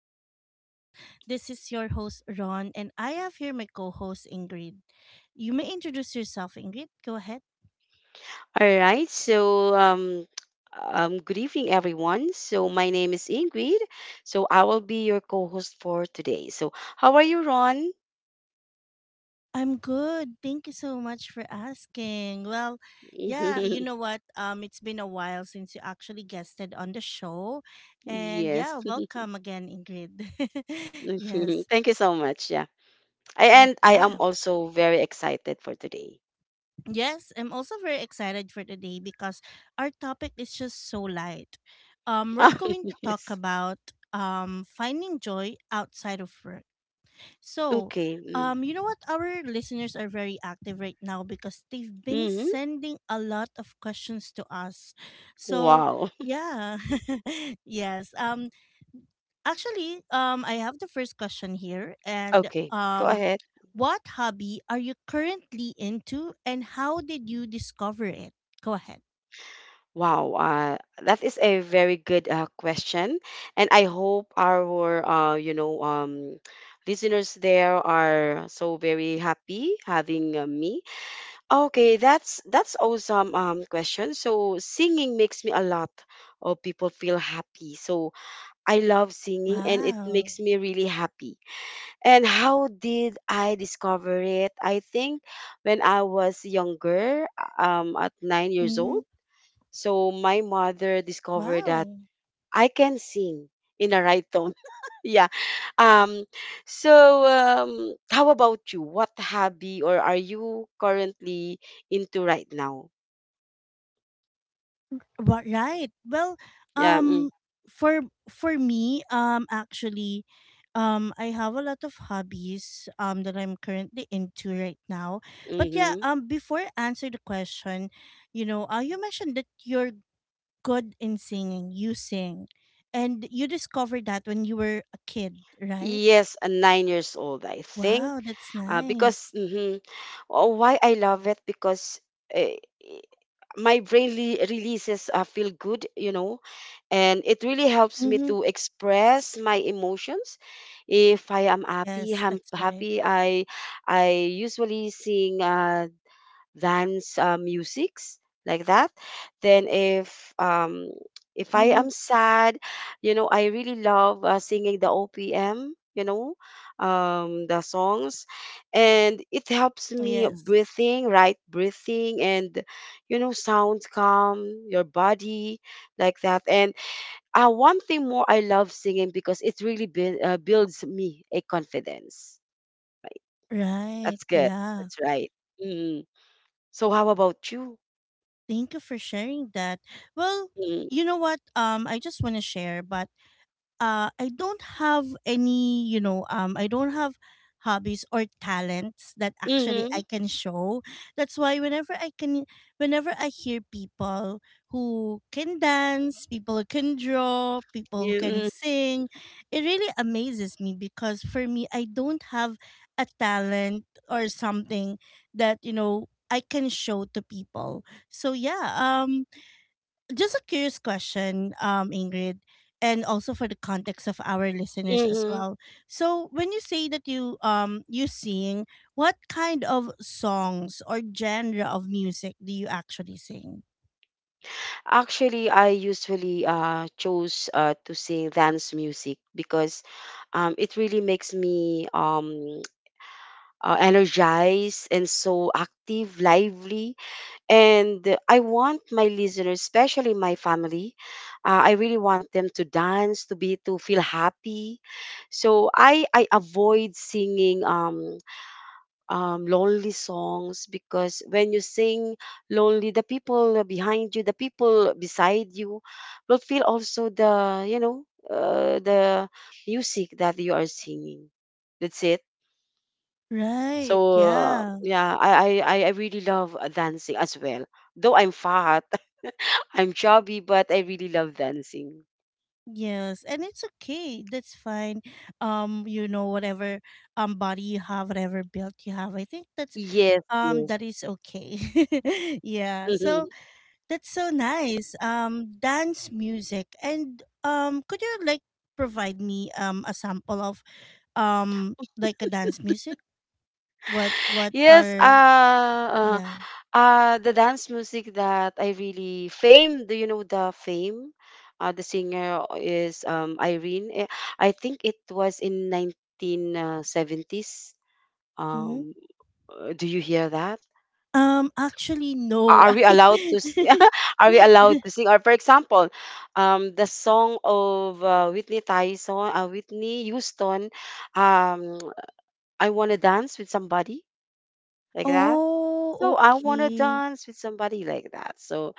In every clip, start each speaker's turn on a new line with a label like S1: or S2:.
S1: Growth Podcast. This is your host, Ron, and I have here my co host, Ingrid. You may introduce yourself, Ingrid. Go ahead.
S2: All right. Good evening, everyone. So, my name is Ingrid. So, I will be your co host for today. So, how are you, Ron?
S1: I'm good. Thank you so much for asking. Well, yeah, you know what? It's been a while since you actually guested on the show. And
S2: Yes.
S1: yeah, welcome again, Ingrid. Yes.
S2: Thank you so much. Yeah. I,
S1: Yeah.
S2: and I am
S1: Yeah.
S2: also very excited for today.
S1: Yes, I'm also very excited for today because our topic is just so light. We're going to talk
S2: Yes.
S1: about finding joy outside of work. So,
S2: Okay.
S1: you know what? Our listeners are very active right now because they've been
S2: Mm-hmm.
S1: sending a lot of questions to us. So,
S2: Wow.
S1: yeah, yes. Actually, I have the first question here, and
S2: Okay. Go ahead.
S1: what hobby are you currently into, and how did you discover it? Go ahead.
S2: Wow, that is a very good question, and I hope our uh, you know um, listeners there are so very happy having me. Okay, that's awesome question. So, singing makes me a lot of people feel happy. So I love singing, and it
S1: Wow.
S2: makes me really happy. And how did I discover it? I think when I was younger, at 9 years
S1: Hmm.
S2: old. So my mother discovered that
S1: Wow.
S2: I can sing in a right tone. Yeah. Um, how about you? What hobby or are you currently into right now?
S1: Right. Well,
S2: Yeah. Mm.
S1: um, for for me, actually, I have a lot of hobbies that I'm currently into right now. But yeah,
S2: Mm-hmm.
S1: before I answer the question, you know, you mentioned that you're good in singing. You sing. And you discovered that when you were a kid, right?
S2: Yes, 9 years old, I think.
S1: Wow, that's
S2: Uh, because
S1: nice.
S2: mhm. Oh, why I love it? Because uh, my brain releases feel good, and it really helps me
S1: Mm-hmm.
S2: to express my emotions. If I am happy,
S1: Yes,
S2: I'm
S1: that's right.
S2: happy. I usually sing dance musics, like that. Then if I
S1: Mm-hmm.
S2: am sad, I really love singing the OPM, the songs. And it helps me
S1: Yes.
S2: breathing, right? Breathing and, you know, sound calm your body, like that. And one thing more, I love singing because it really builds me a confidence, right?
S1: Right.
S2: That's good.
S1: Yeah.
S2: That's right. mm. So how about you?
S1: Thank you for sharing that. Well,
S2: Mm.
S1: you know what? I just want to share, but I don't have any, I don't have hobbies or talents that actually I
S2: Mhm.
S1: can show. That's why whenever I can, whenever I hear people who can dance, people who can draw, people who
S2: You
S1: can
S2: mm.
S1: sing, it really amazes me because for me, I don't have a talent or something that, I can show to people. So yeah, just a curious question, Ingrid, and also for the context of our listeners as
S2: Mhm.
S1: well. So, when you say that you sing, what kind of songs or genre of music do you actually sing?
S2: Actually, I usually chose to sing dance music because it really makes me energized and so active, lively, and I want my listeners, especially my family, I really want them to dance, to feel happy. So I avoid singing lonely songs, because when you sing lonely, the people behind you, the people beside you will feel also the music that you are singing. That's it.
S1: Right.
S2: So,
S1: Yeah.
S2: yeah, I really love dancing as well. Though I'm fat, I'm chubby, but I really love dancing.
S1: Yes, and it's okay. That's fine. Whatever body you have, whatever build you have, I think that's
S2: Yes,
S1: um
S2: yes.
S1: that is okay. Yeah. So that's so nice. Dance music and could you like provide me a sample of like a dance music? What
S2: Yes.
S1: are, yeah?
S2: The dance music that I really fame. Do you know the fame? The singer is Irene. I think it was in 1970s.
S1: Mm-hmm.
S2: Um, do you hear that?
S1: Actually, no.
S2: Are we allowed to? S- Are we allowed to sing? Or for example, the song of Whitney Houston. Um, "I wanna dance with somebody," like that.
S1: Oh,
S2: So, "I wanna
S1: okay.
S2: dance with somebody," like that. So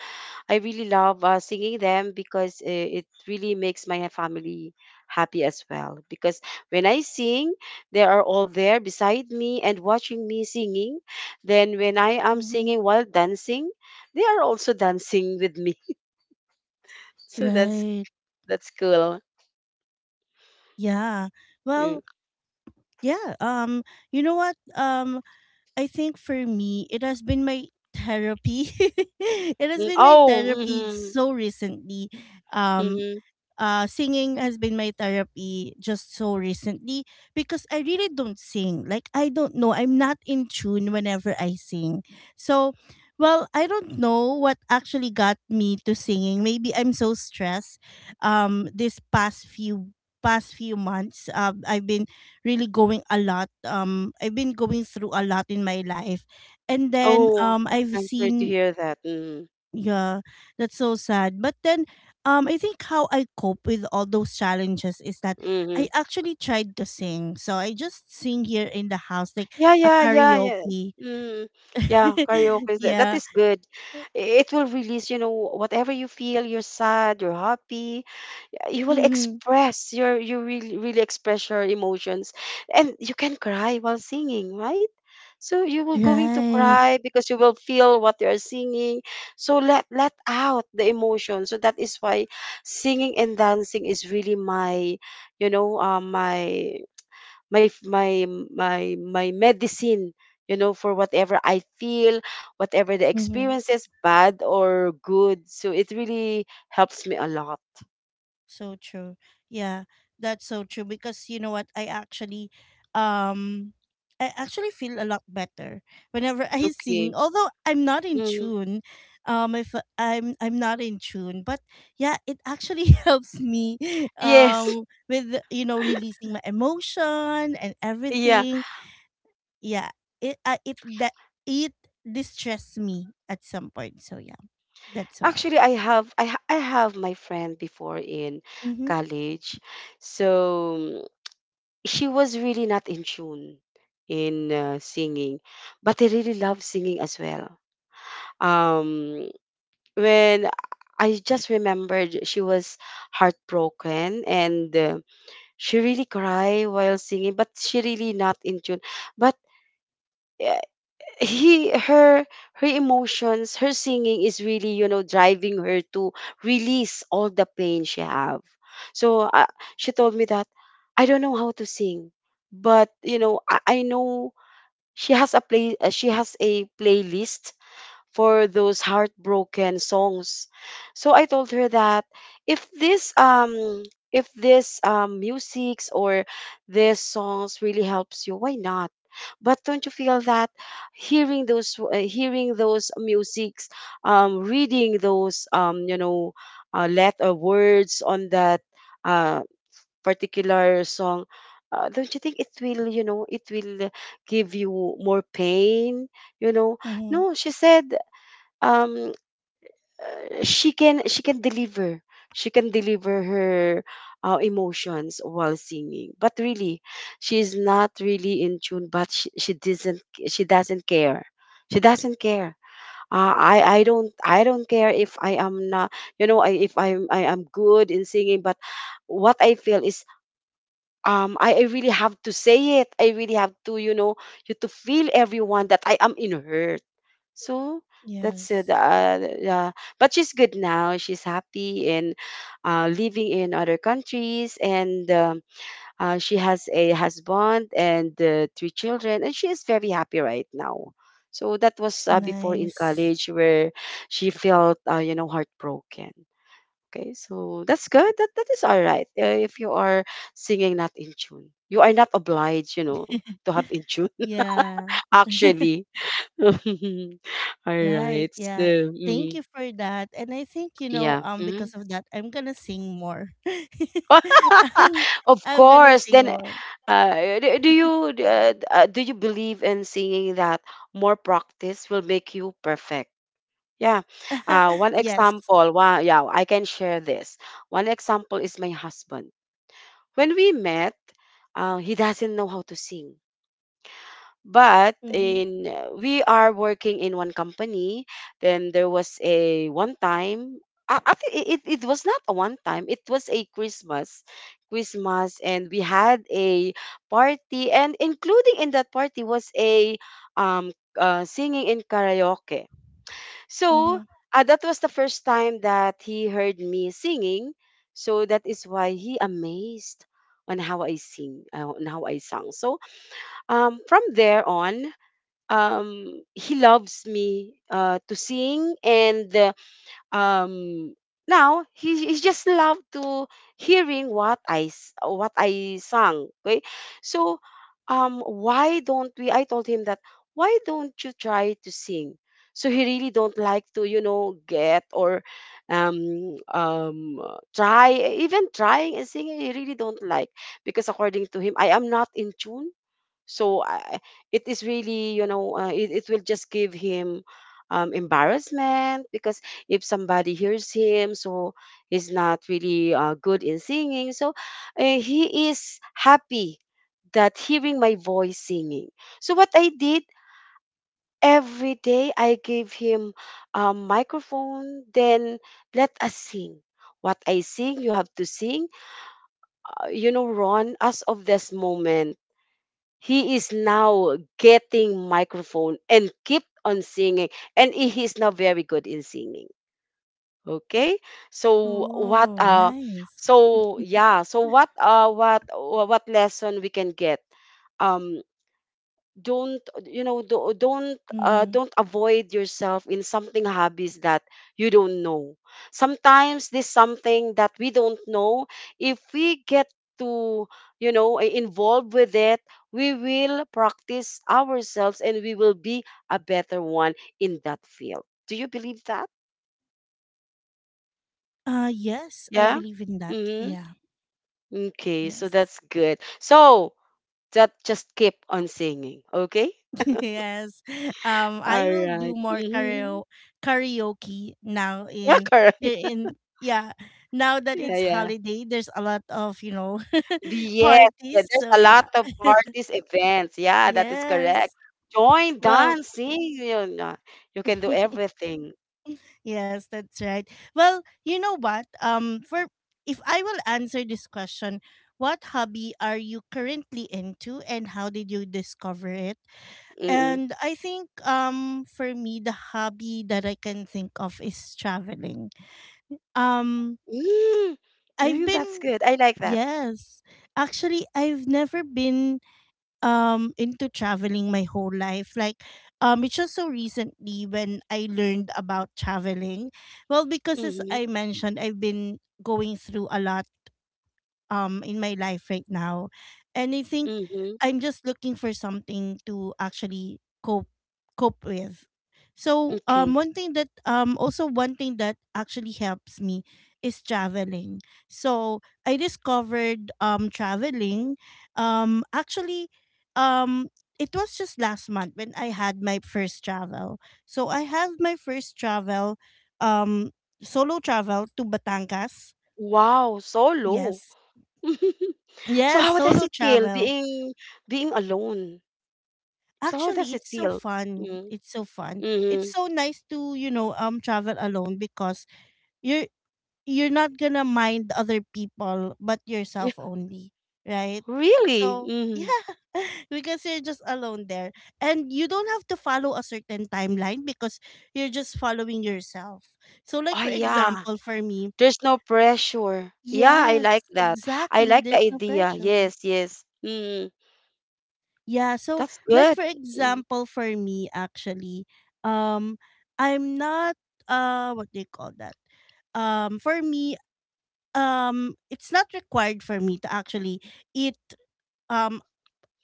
S2: I really love singing them because it really makes my family happy as well. Because when I sing, they are all there beside me and watching me singing. Then when I am
S1: Mm-hmm.
S2: singing while dancing, they are also dancing with me. So that's
S1: Right.
S2: that's cool.
S1: Yeah.
S2: Yeah.
S1: Well, yeah. You know what? I think for me, it has been my therapy. It has
S2: Mm.
S1: been my
S2: Oh,
S1: therapy
S2: mm-hmm,
S1: so recently. Um.
S2: mm-hmm.
S1: Singing has been my therapy just so recently because I really don't sing. Like, I don't know. I'm not in tune whenever I sing. So, well, I don't know what actually got me to singing. Maybe I'm so stressed, this past few months, I've been really going a lot, I've been going through a lot in my life, and then,
S2: Oh,
S1: I've
S2: I'm sorry to
S1: seen.
S2: hear that. Mm.
S1: Yeah, that's so sad. But then, I think how I cope with all those challenges is that
S2: Mm-hmm.
S1: I actually tried to sing. So I just sing here in the house, like
S2: Yeah,
S1: a
S2: yeah, yeah, yeah.
S1: karaoke.
S2: Mm, yeah, karaoke, that
S1: Yeah.
S2: is good. It will release whatever you feel, you're sad, you're happy. uh, You will
S1: Mm-hmm.
S2: express your you really, really express your emotions. And you can cry while singing, right? So you will going to
S1: Right.
S2: cry because you will feel what you are singing. So let out the emotion. So that is why singing and dancing is really you know, uh, my my f- my my medicine, you know for whatever I feel, whatever the
S1: Mm-hmm.
S2: experience is, bad or good. So it really helps me a lot.
S1: So true. Yeah, that's so true because you know what? Um I actually feel a lot better whenever I sing.
S2: Okay.
S1: Although I'm not in
S2: mm.
S1: tune, if I'm not in tune, but yeah, it actually helps me
S2: Yes.
S1: with releasing my emotion and
S2: Yeah.
S1: everything. Yeah, it uh, it that it distressed me at some point. So yeah, that's why.
S2: Actually, I have my friend before in
S1: Mhm.
S2: college. So, she was really not in tune in singing, but I really love singing as well. Um when I just remembered, she was heartbroken, and she really cried while singing, but she really not in tune. But uh, he, her, her emotions, her singing is really driving her to release all the pain she have. So, she told me that, "I don't know how to sing, but you know, I know she has a playlist for those heartbroken songs." So I told her that if this um if this musics, or these songs really helps you, why not? But don't you feel that hearing those musics, reading those letter words on that uh, particular song, don't you think it will give you more pain? You know,
S1: Mhm.
S2: no, she said, um she can she can deliver she can deliver her emotions while singing, but really she's not really in tune, but she doesn't care, she doesn't care. I don't care if I am not, if I am good in singing, but what I feel is, I really have to say it. I really have to you know you To feel everyone that I am in her. So that's it.
S1: Yes.
S2: Yeah. But she's good now. She's happy and living in other countries, and she has a husband and three children, and she is very happy right now. So that was before
S1: Nice.
S2: in college where she felt, heartbroken. Okay, so that's good. That is all right. If you are singing not in tune, you are not obliged to have in tune.
S1: Yeah.
S2: Actually, all
S1: Right.
S2: right.
S1: Yeah.
S2: So,
S1: Thank you
S2: mhm.
S1: for that. And I think,
S2: Yeah.
S1: because
S2: Mhm.
S1: of that, I'm gonna sing more. I'm,
S2: Of
S1: I'm gonna
S2: course.
S1: sing
S2: Then,
S1: more.
S2: uh, do you do you believe in saying that more practice will make you perfect? Yeah. One
S1: Yes.
S2: example. Wow. Yeah, I can share this. One example is my husband. When we met, he doesn't know how to sing. But
S1: Mm-hmm.
S2: in We are working in one company. Then there was a actually, it was not a one time, it was a Christmas. And we had a party, and including in that party was a um singing in karaoke. So,
S1: Mm-hmm.
S2: that was the first time that he heard me singing. So that is why he amazed on how I sang. So, from there on, he loves me to sing, and um now he just loved to hearing what I sang. Okay. So, why don't we I told him that, "Why don't you try to sing?" So he really don't like to, you know, get or try, even trying and singing. He really don't like, because according to him, I am not in tune. So, it is really, it will just give him embarrassment, because if somebody hears him, so he's not really good in singing. So, he is happy that hearing my voice singing. So what I did, every day I gave him a microphone, then, "Let us sing. What I sing, you have to sing." You know, Ron, as of this moment, he is now getting microphone and keep on singing, and he is now very good in singing. Okay, so what?
S1: Oh, nice.
S2: So yeah, so what? What lesson we can get? Um, don't
S1: Mm-hmm.
S2: avoid yourself in something hobbies that you don't know. Sometimes this something that we don't know, if we get to, involved with it, we will practice ourselves and we will be a better one in that field. Do you believe that?
S1: Yes, I
S2: Yeah.
S1: believe in that.
S2: Mm-hmm.
S1: Yeah.
S2: Okay, so that's
S1: Yes.
S2: good. So that, just keep on singing, okay.
S1: Yes.
S2: All
S1: I will do
S2: right.
S1: more
S2: Mm-hmm.
S1: karaoke now in
S2: Correct.
S1: here in, yeah. Now that
S2: Yeah,
S1: it's
S2: yeah.
S1: holiday, there's a lot of,
S2: Yes,
S1: parties.
S2: there's
S1: So
S2: a
S1: yeah.
S2: lot of parties, events. Yeah, that is correct.
S1: Yes.
S2: Join,
S1: Well,
S2: dance, sing. You know, no, you can do everything.
S1: yes, that's right. Well, you know what? For if I will answer this question, what hobby are you currently into and how did you discover it?
S2: Mm-mm.
S1: And I think for me the hobby that I can think of is traveling. Um
S2: Mm,
S1: I've
S2: yeah, that's
S1: been.
S2: good. I like that.
S1: Yes. Actually, I've never been into traveling my whole life. Like, it's just so recently when I learned about traveling. Well, because as
S2: Mm-hmm.
S1: I mentioned, I've been going through a lot in my life right now, and I think
S2: Mm-hmm.
S1: I'm just looking for something to actually cope with. So
S2: Okay.
S1: one thing that also one thing that actually helps me is traveling. So I discovered traveling, actually, um it was just last month when I had my first travel. So I have my first travel, um solo travel to Batangas.
S2: Wow, so low.
S1: Yes.
S2: So
S1: Yes,
S2: how does
S1: solo
S2: it feel
S1: travel.
S2: being alone? So how does
S1: Actually,
S2: it
S1: it's so
S2: feel?
S1: fun.
S2: Mm-hmm.
S1: It's so fun. It's so nice to, travel alone because you're you're not gonna mind other people but yourself only, right?
S2: Really?
S1: So,
S2: Mm-hmm.
S1: yeah, because you're just alone there and you don't have to follow a certain timeline because you're just following yourself. So, like
S2: Oh
S1: for
S2: yeah.
S1: example, for me,
S2: There's no pressure. Yeah, I
S1: yes,
S2: like that. I
S1: exactly,
S2: like the
S1: there's no
S2: idea.
S1: pressure.
S2: Yes, yes. Mm,
S1: Yeah, so
S2: that's
S1: like
S2: good.
S1: for
S2: Mm.
S1: example for me actually, um I'm not, what do you call that? For me, it's not required for me to actually eat um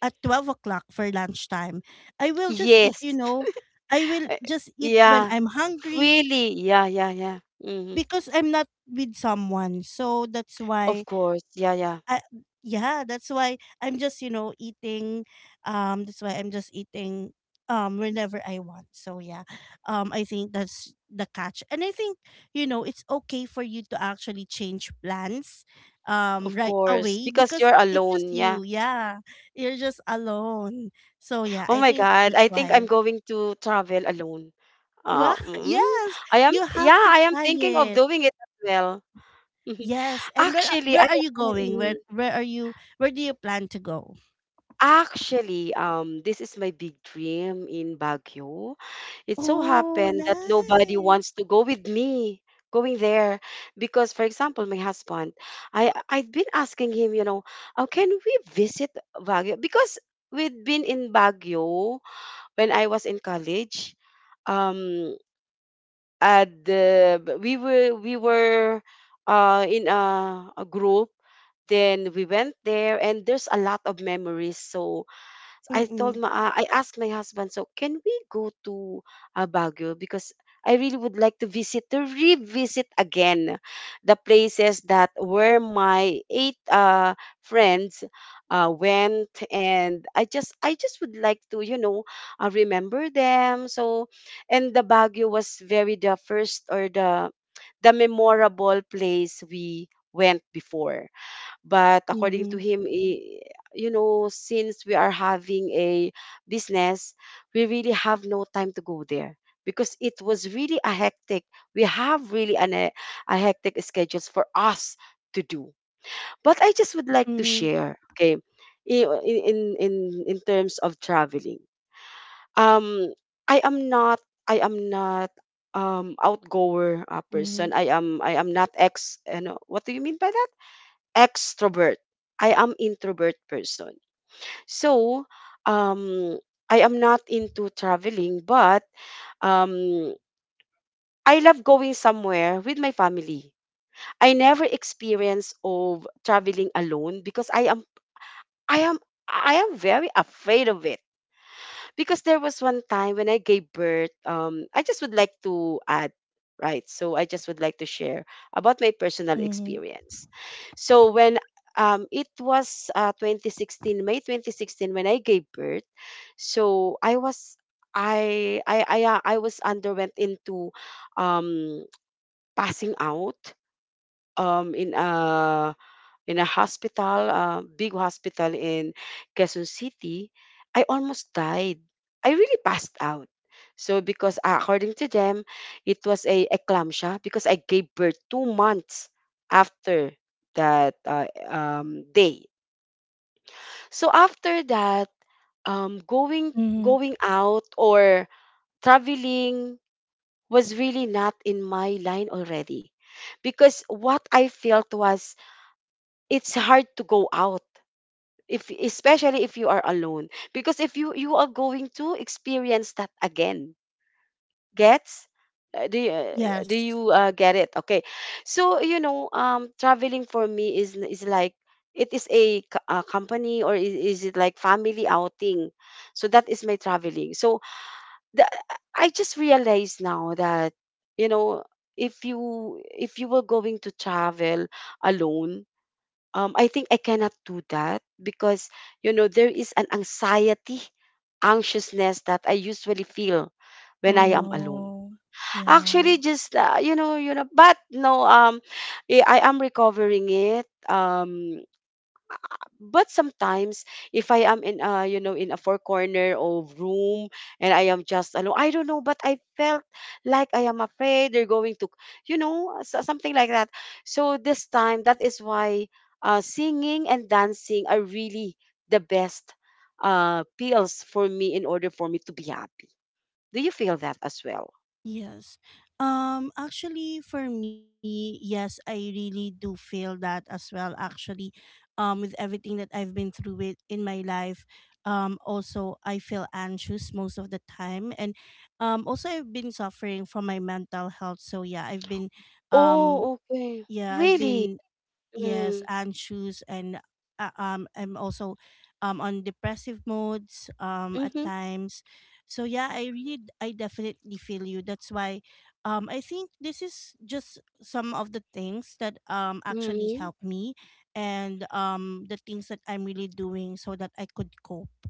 S1: at 12 o'clock for lunchtime. I will just eat, you
S2: Yes.
S1: know, I will
S2: Uh,
S1: just eat when
S2: Yeah.
S1: I'm hungry
S2: Freely. Yeah, yeah, yeah. Hmm.
S1: because I'm not with someone. So
S2: Of course. Yeah, yeah.
S1: I, yeah, that's why I'm just, eating. That's why I'm just eating whenever I want. So yeah. I think that's the catch. And I think, it's okay for you to actually change plans
S2: Of
S1: right
S2: course.
S1: away
S2: Because
S1: because
S2: you're
S1: it's just
S2: alone. Yeah.
S1: you. Yeah. You're just alone. So yeah,
S2: Oh
S1: I
S2: my
S1: think
S2: God.
S1: that's
S2: I think I'm
S1: why.
S2: going to travel alone. Uh,
S1: Well,
S2: mm,
S1: yes, you
S2: yeah,
S1: have to
S2: I am
S1: try
S2: thinking of
S1: it.
S2: doing it as well.
S1: Yes. And where
S2: Actually,
S1: where
S2: I,
S1: are you going? Where do you plan to go?
S2: Actually, this is my big dream in Baguio. It so
S1: Oh,
S2: happened that nobody wants
S1: nice.
S2: to go with me going there because, for example, my husband, I'd been asking him, you know, how can we visit Baguio? Because we'd been in Baguio when I was in college. Um, and we were in a group. Then we went there, and there's a lot of memories. So
S1: Mm-mm.
S2: I asked my husband, so can we go to Baguio, because I really would like to visit to revisit again the places that where my eight friends went. And I just would like to, remember them. So, and the Baguio was very the first, or the memorable place we went before. But according to
S1: Mhm.
S2: him, since we are having a business, we really have no time to go there because it was really a hectic. We have really a hectic schedules for us to do. But I just would like to
S1: Mhm.
S2: share, okay, i- in in in, in terms of traveling. Um, I am not. I am not, outgoer
S1: Mhm.
S2: person. I am not ex you know, what do you mean by that, extrovert. I am introvert person. So, um I am not into traveling, but um I love going somewhere with my family. I never experience of traveling alone because I am I am very afraid of it. Because there was one time when I gave birth, I just would like to add, right? So I just would like to share about my personal
S1: Mhm.
S2: experience. So when, it was 2016, May 2016, when I gave birth, so I was. I was underwent into, um passing out, in a hospital, a big hospital in Quezon City. I almost died. I really passed out. So because, according to them, it was a eclampsia because I gave birth 2 months after that, day. So after that, going
S1: Mhm.
S2: out or traveling was really not in my line already, because what I felt was it's hard to go out, if especially if you are alone, because if you are going to experience that again gets. Do
S1: Yes.
S2: you get it, okay? So, traveling for me is like, it is a company, or is it like family outing, so that is my traveling. So the, I just realized now that, you know, if you were going to travel alone, I think I cannot do that because, you know, there is an anxiety, anxiousness that I usually feel when
S1: Oh
S2: I am alone.
S1: no. Yeah.
S2: Actually, just, but no, I am recovering it. But sometimes, if I am in a, you know, in a four corner of room, and I am just alone, I don't know, but I felt like I am afraid they're going to, you know, something like that. So this time, that is why, singing and dancing are really the best pills for me in order for me to be happy. Do you feel that as well?
S1: Yes. Actually for me, yes, I really do feel that as well actually. With everything that I've been through with in my life, also I feel anxious most of the time, and also I've been suffering from my mental health. So um
S2: Oh, okay.
S1: yeah, I've
S2: Really?
S1: been yes,
S2: Mm-hmm.
S1: and shoes, and I'm also on depressive modes at times. So yeah, I really, I definitely feel you. That's why, I think this is just some of the things that actually
S2: Mm-hmm.
S1: help me, and the things that I'm really doing so that I could cope.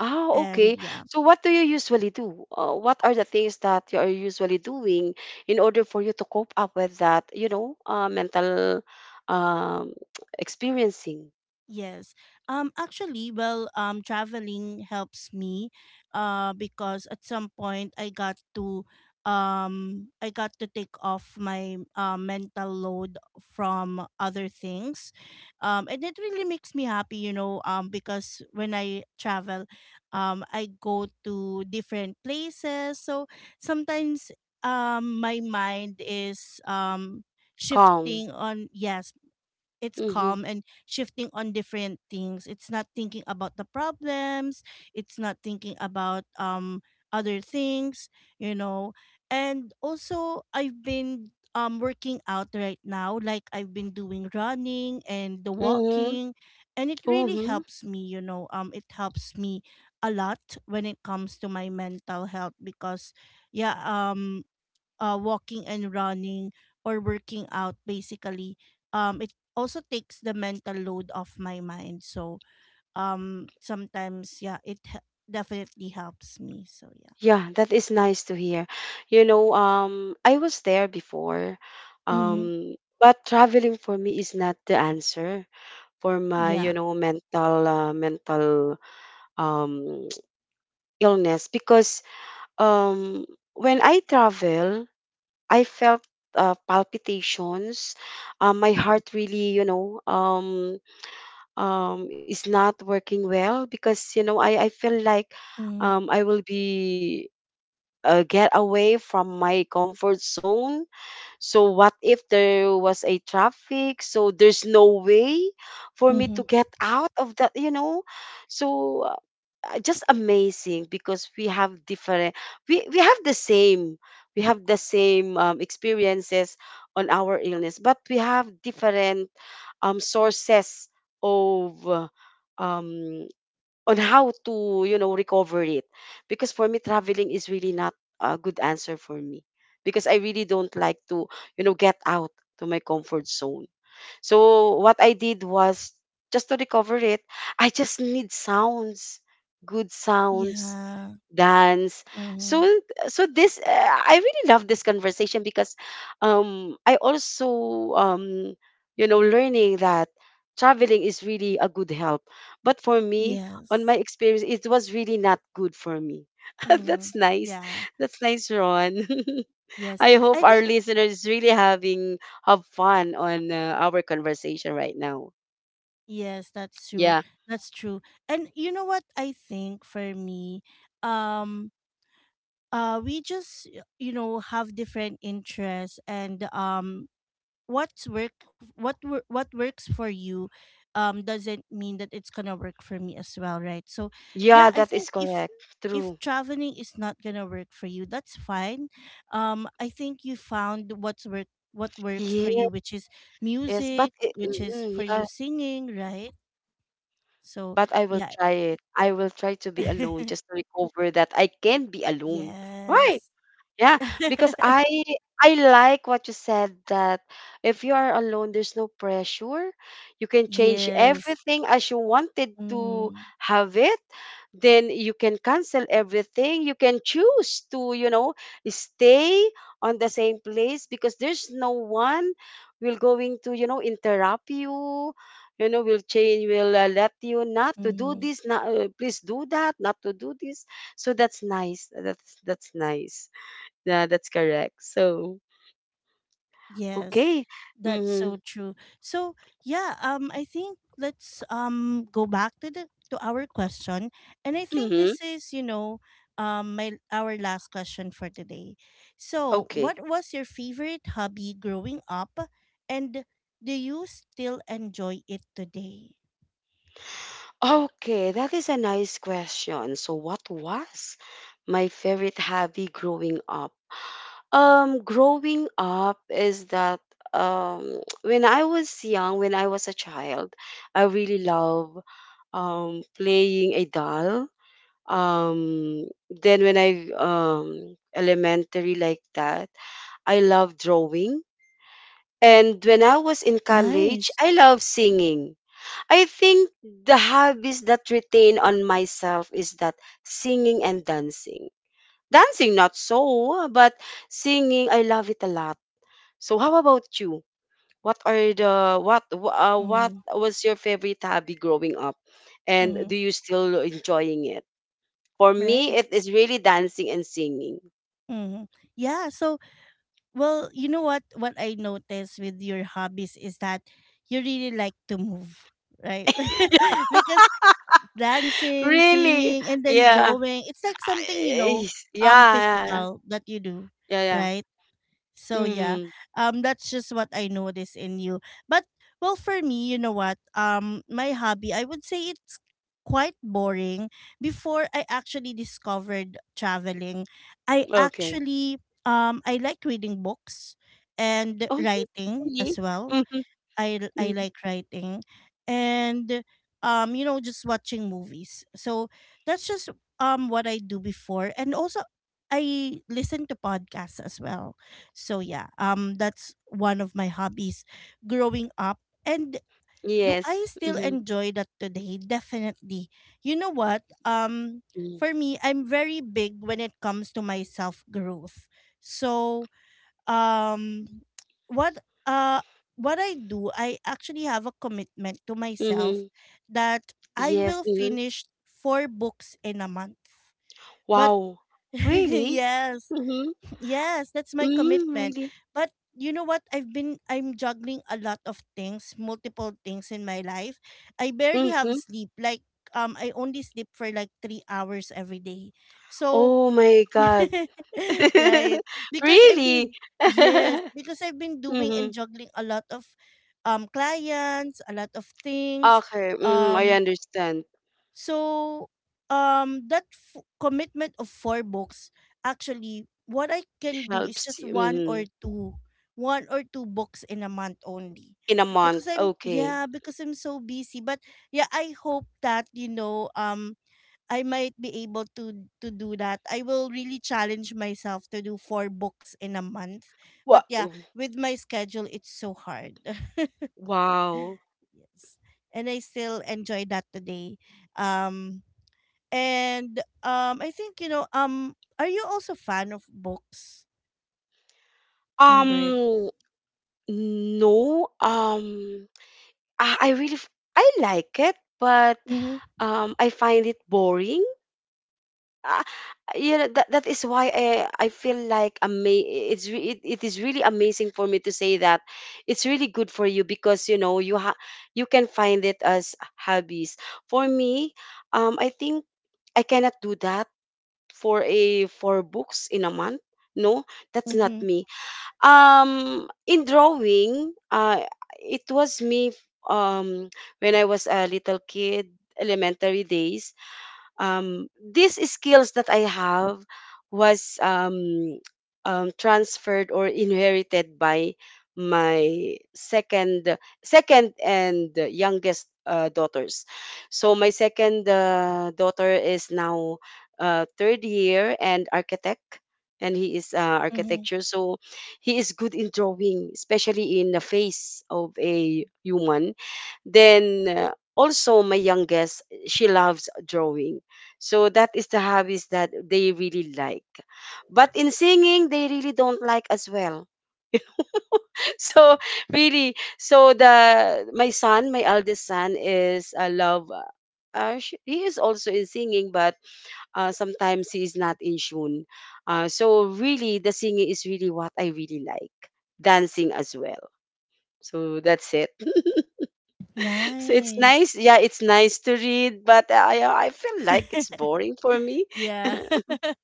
S2: Oh,
S1: And
S2: okay.
S1: yeah.
S2: So what do you usually do? What are the things that you are usually doing in order for you to cope up with that, you know, mental, um, experiencing
S1: Yes. Actually, well, traveling helps me because at some point I got to, I got to take off my mental load from other things. And it really makes me happy, because when I travel, I go to different places. So sometimes my mind is
S2: calm?
S1: shifting on, yes, it's
S2: Mm-hmm.
S1: calm and shifting on different things. It's not thinking about the problems. It's not thinking about other things, you know. And also I've been working out right now. Like I've been doing running and the
S2: Mm-hmm.
S1: walking, and it really
S2: Mm-hmm.
S1: helps me. It helps me a lot when it comes to my mental health because yeah, walking and running or working out basically, it also takes the mental load off my mind, so sometimes yeah, definitely helps me so yeah.
S2: Yeah, that is nice to hear. You know, I was there before,
S1: Mm-hmm.
S2: um, but traveling for me is not the answer for my, you
S1: Yeah.
S2: know, mental, mental, um, illness, because, um when I travel, I felt, palpitations. My heart really, you know, is not working well, because, you know, I feel like,
S1: Mm-hmm.
S2: I will be. Get away from my comfort zone. So, what if there was a traffic? So, there's no way for me
S1: Mm-hmm.
S2: to get out of that, you know? So, just amazing, because we have the same we have the same, experiences on our illness, but we have different, sources of, um on how to, you know, recover it. Because for me traveling is really not a good answer for me, because I really don't like to, you know, get out to my comfort zone. So what I did was, just to recover it, I just need sounds, good sounds,
S1: Yeah.
S2: dance. So
S1: Mm-hmm.
S2: so this I really love this conversation, because, I also, learning that traveling is really a good help. But for me, on my
S1: Yes.
S2: experience, it was really not good for me.
S1: Mm-hmm.
S2: That's nice.
S1: Yeah.
S2: That's nice, Ron.
S1: Yes.
S2: I hope
S1: I
S2: our
S1: think,
S2: listeners really having have fun on, our conversation right now.
S1: yes, that's true.
S2: Yeah.
S1: That's true. And you know what, I think for me, um we just have different interests, and what's work what works for you doesn't mean that it's gonna work for me as well, right? So yeah,
S2: Yeah,
S1: I
S2: that
S1: think
S2: is
S1: if
S2: correct. True.
S1: traveling is not gonna work for you, that's fine. I think you found what works
S2: Yeah.
S1: for you, which is
S2: Yes, but
S1: music,
S2: it,
S1: which is for you
S2: yeah,
S1: singing, right? So
S2: but I will
S1: yeah.
S2: try it. I will try to be alone just to recover that I can be alone. Right.
S1: Yes.
S2: Yeah, because I like what you said, that if you are alone, there's no pressure. You can change
S1: Yes.
S2: everything as you wanted to
S1: Mm-hmm.
S2: have it. Then you can cancel everything. You can choose to, you know, stay on the same place because there's no one will going to, you know, interrupt you. You know, will change, will, let you not to do
S1: Mm-hmm.
S2: this, not, please do that, not to do this. So that's nice. That's nice. Yeah, that's correct. So,
S1: Yes,
S2: okay.
S1: that's so
S2: Mm-hmm.
S1: true. So yeah, I think let's go back to the to our question, and I think
S2: Mm-hmm.
S1: this is you know my our last question for today. So,
S2: Okay.
S1: what was your favorite hobby growing up, and do you still enjoy it today?
S2: Okay, that is a nice question. So, what was my favorite hobby growing up? Growing up is that, when I was young, when I was a child, I really love, playing a doll. Then when I, elementary like that, I love drawing. And when I was in college,
S1: Nice.
S2: I love singing. I think the hobbies that retain on myself is that singing and dancing. Dancing, not so, but singing, I love it a lot. So, how about you? What are the what wh- What
S1: Mm-hmm.
S2: was your favorite hobby growing up, and
S1: Mm-hmm.
S2: do you still enjoying it? For me,
S1: Right.
S2: it is really dancing and singing.
S1: Mm-hmm. Yeah. So, well, you know what, I noticed with your hobbies is that you really like to move, right? Because dancing,
S2: Really?
S1: singing, and then
S2: Yeah.
S1: drawing, it's like something,
S2: Yeah. Yeah.
S1: physical that you do,
S2: Yeah. Yeah.
S1: right? So yeah,
S2: Mm,
S1: that's just what I notice in you. But well, for me, you know what? My hobby, I would say it's quite boring. Before I actually discovered traveling, I
S2: okay.
S1: actually I like reading books and
S2: Oh,
S1: writing
S2: really?
S1: as well.
S2: Mhm.
S1: I
S2: Mm.
S1: like writing, and just watching movies. So that's just what I do before, and also I listen to podcasts as well. So yeah, that's one of my hobbies growing up. And do I
S2: Yes.
S1: still
S2: Mhm.
S1: enjoy that today? Definitely. You know what?
S2: Mm.
S1: For me, I'm very big when it comes to my self growth. So um what uh what I do, I actually have a commitment to
S2: Mhm.
S1: myself that
S2: Yes,
S1: I will
S2: mhm.
S1: finish four books in a month. But
S2: Wow. Really?
S1: yes,
S2: Mhm.
S1: yes, that's my
S2: Mm,
S1: commitment.
S2: really?
S1: But you know what? I'm juggling a lot of things, multiple things in my life. I barely have
S2: Mhm.
S1: sleep. Like, I only sleep for like 3 hours every day. So
S2: Oh my God.
S1: right. Because I've
S2: Really?
S1: been yes, because I've been doing and
S2: Mhm.
S1: juggling a lot of clients, a lot of things.
S2: Okay, mhm, I
S1: Um
S2: understand.
S1: so that commitment of four books, actually what I can do is
S2: Helps
S1: just
S2: you,
S1: one or
S2: mhm,
S1: two one or two books in a month only
S2: in a month.
S1: because
S2: Okay.
S1: I'm so busy, but yeah, I hope that I might be able to do that. I will really challenge myself to do four books in a month.
S2: Wha
S1: But yeah, with my schedule it's so hard.
S2: Wow.
S1: Yes. And I still enjoy that today. Um and I think are you also fan of books, Ingrid?
S2: Um, no, ah, I really f I like it, but,
S1: Mhm.
S2: I find it boring. Ah, you know, that is why I feel like, ama it is really amazing for me to say that it's really good for you, because, you know, you can find it as hobbies. For me, I think I cannot do that for a 4 books in a month. No, that's not
S1: Mhm.
S2: me, in drawing. It was me, um when I was a little kid, elementary days, these skills that I have was, transferred or inherited by my second and youngest daughters. So my second daughter is now, third year and architect. And he is,
S1: Mhm.
S2: architecture, so he is good in drawing, especially in the face of a human. Then, also my youngest, she loves drawing. So that is the hobbies that they really like. But in singing, they really don't like as well. So really, so the my son, my eldest son, is a love. He is also in singing, but, sometimes he is not in tune. So really, the singing is really what I really like. Dancing as well. So that's it. So it's nice.
S1: Nice.
S2: Yeah, it's nice to read, but, I feel like it's boring for me.
S1: Yeah.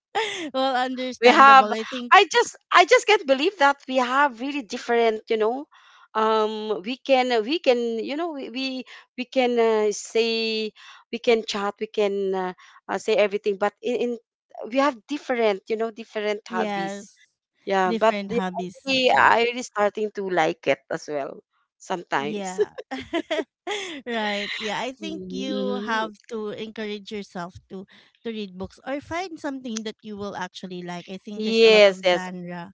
S1: Well,
S2: we have
S1: understandable. I think
S2: I just can't believe that we have really different, you know, we can, you know, we can, say, we can chat, we can, say everything, but in we have different, you know, different hobbies.
S1: yes.
S2: Yeah, but
S1: Different
S2: the- I
S1: hobbies.
S2: really
S1: That's right.
S2: I really starting to like it as well sometimes.
S1: Yeah. Right. Yeah, I think you
S2: Mhm.
S1: have to encourage yourself to read books or find something that you will actually like. I think there's a lot
S2: Yes,
S1: of
S2: yes.
S1: genre,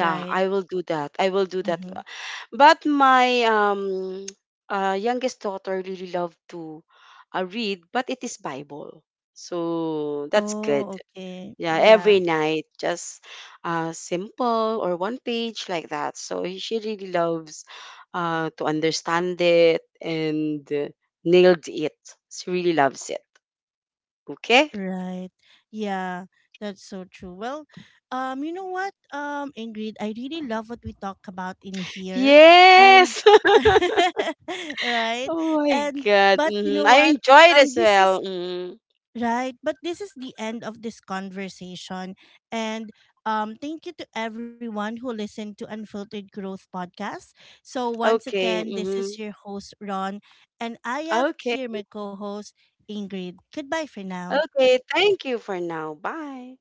S2: Yeah,
S1: right?
S2: I will do that. I will do that.
S1: Mhm.
S2: But my, youngest daughter really love to, read, but it is Bible. So that's good.
S1: Oh, okay.
S2: Yeah, every
S1: Yeah.
S2: night, just, simple or one page like that. So she really loves, to understand it, and, nailed it. She really loves it. Okay.
S1: Right. Yeah, that's so true. Well, you know what, Ingrid, I really love what we talk about in here. And
S2: Yes.
S1: right.
S2: Oh my
S1: And
S2: God.
S1: but you
S2: Mhm.
S1: know
S2: I
S1: what?
S2: enjoyed as
S1: Um, this is
S2: well. Mhm.
S1: this is the end of this conversation. And thank you to everyone who listened to Unfiltered Growth Podcast. So once
S2: Okay,
S1: again, this is
S2: mhm.
S1: your host, Ron, and I have
S2: Okay.
S1: here my co-host Ingrid. Goodbye for now.
S2: Okay, thank you for now. Bye.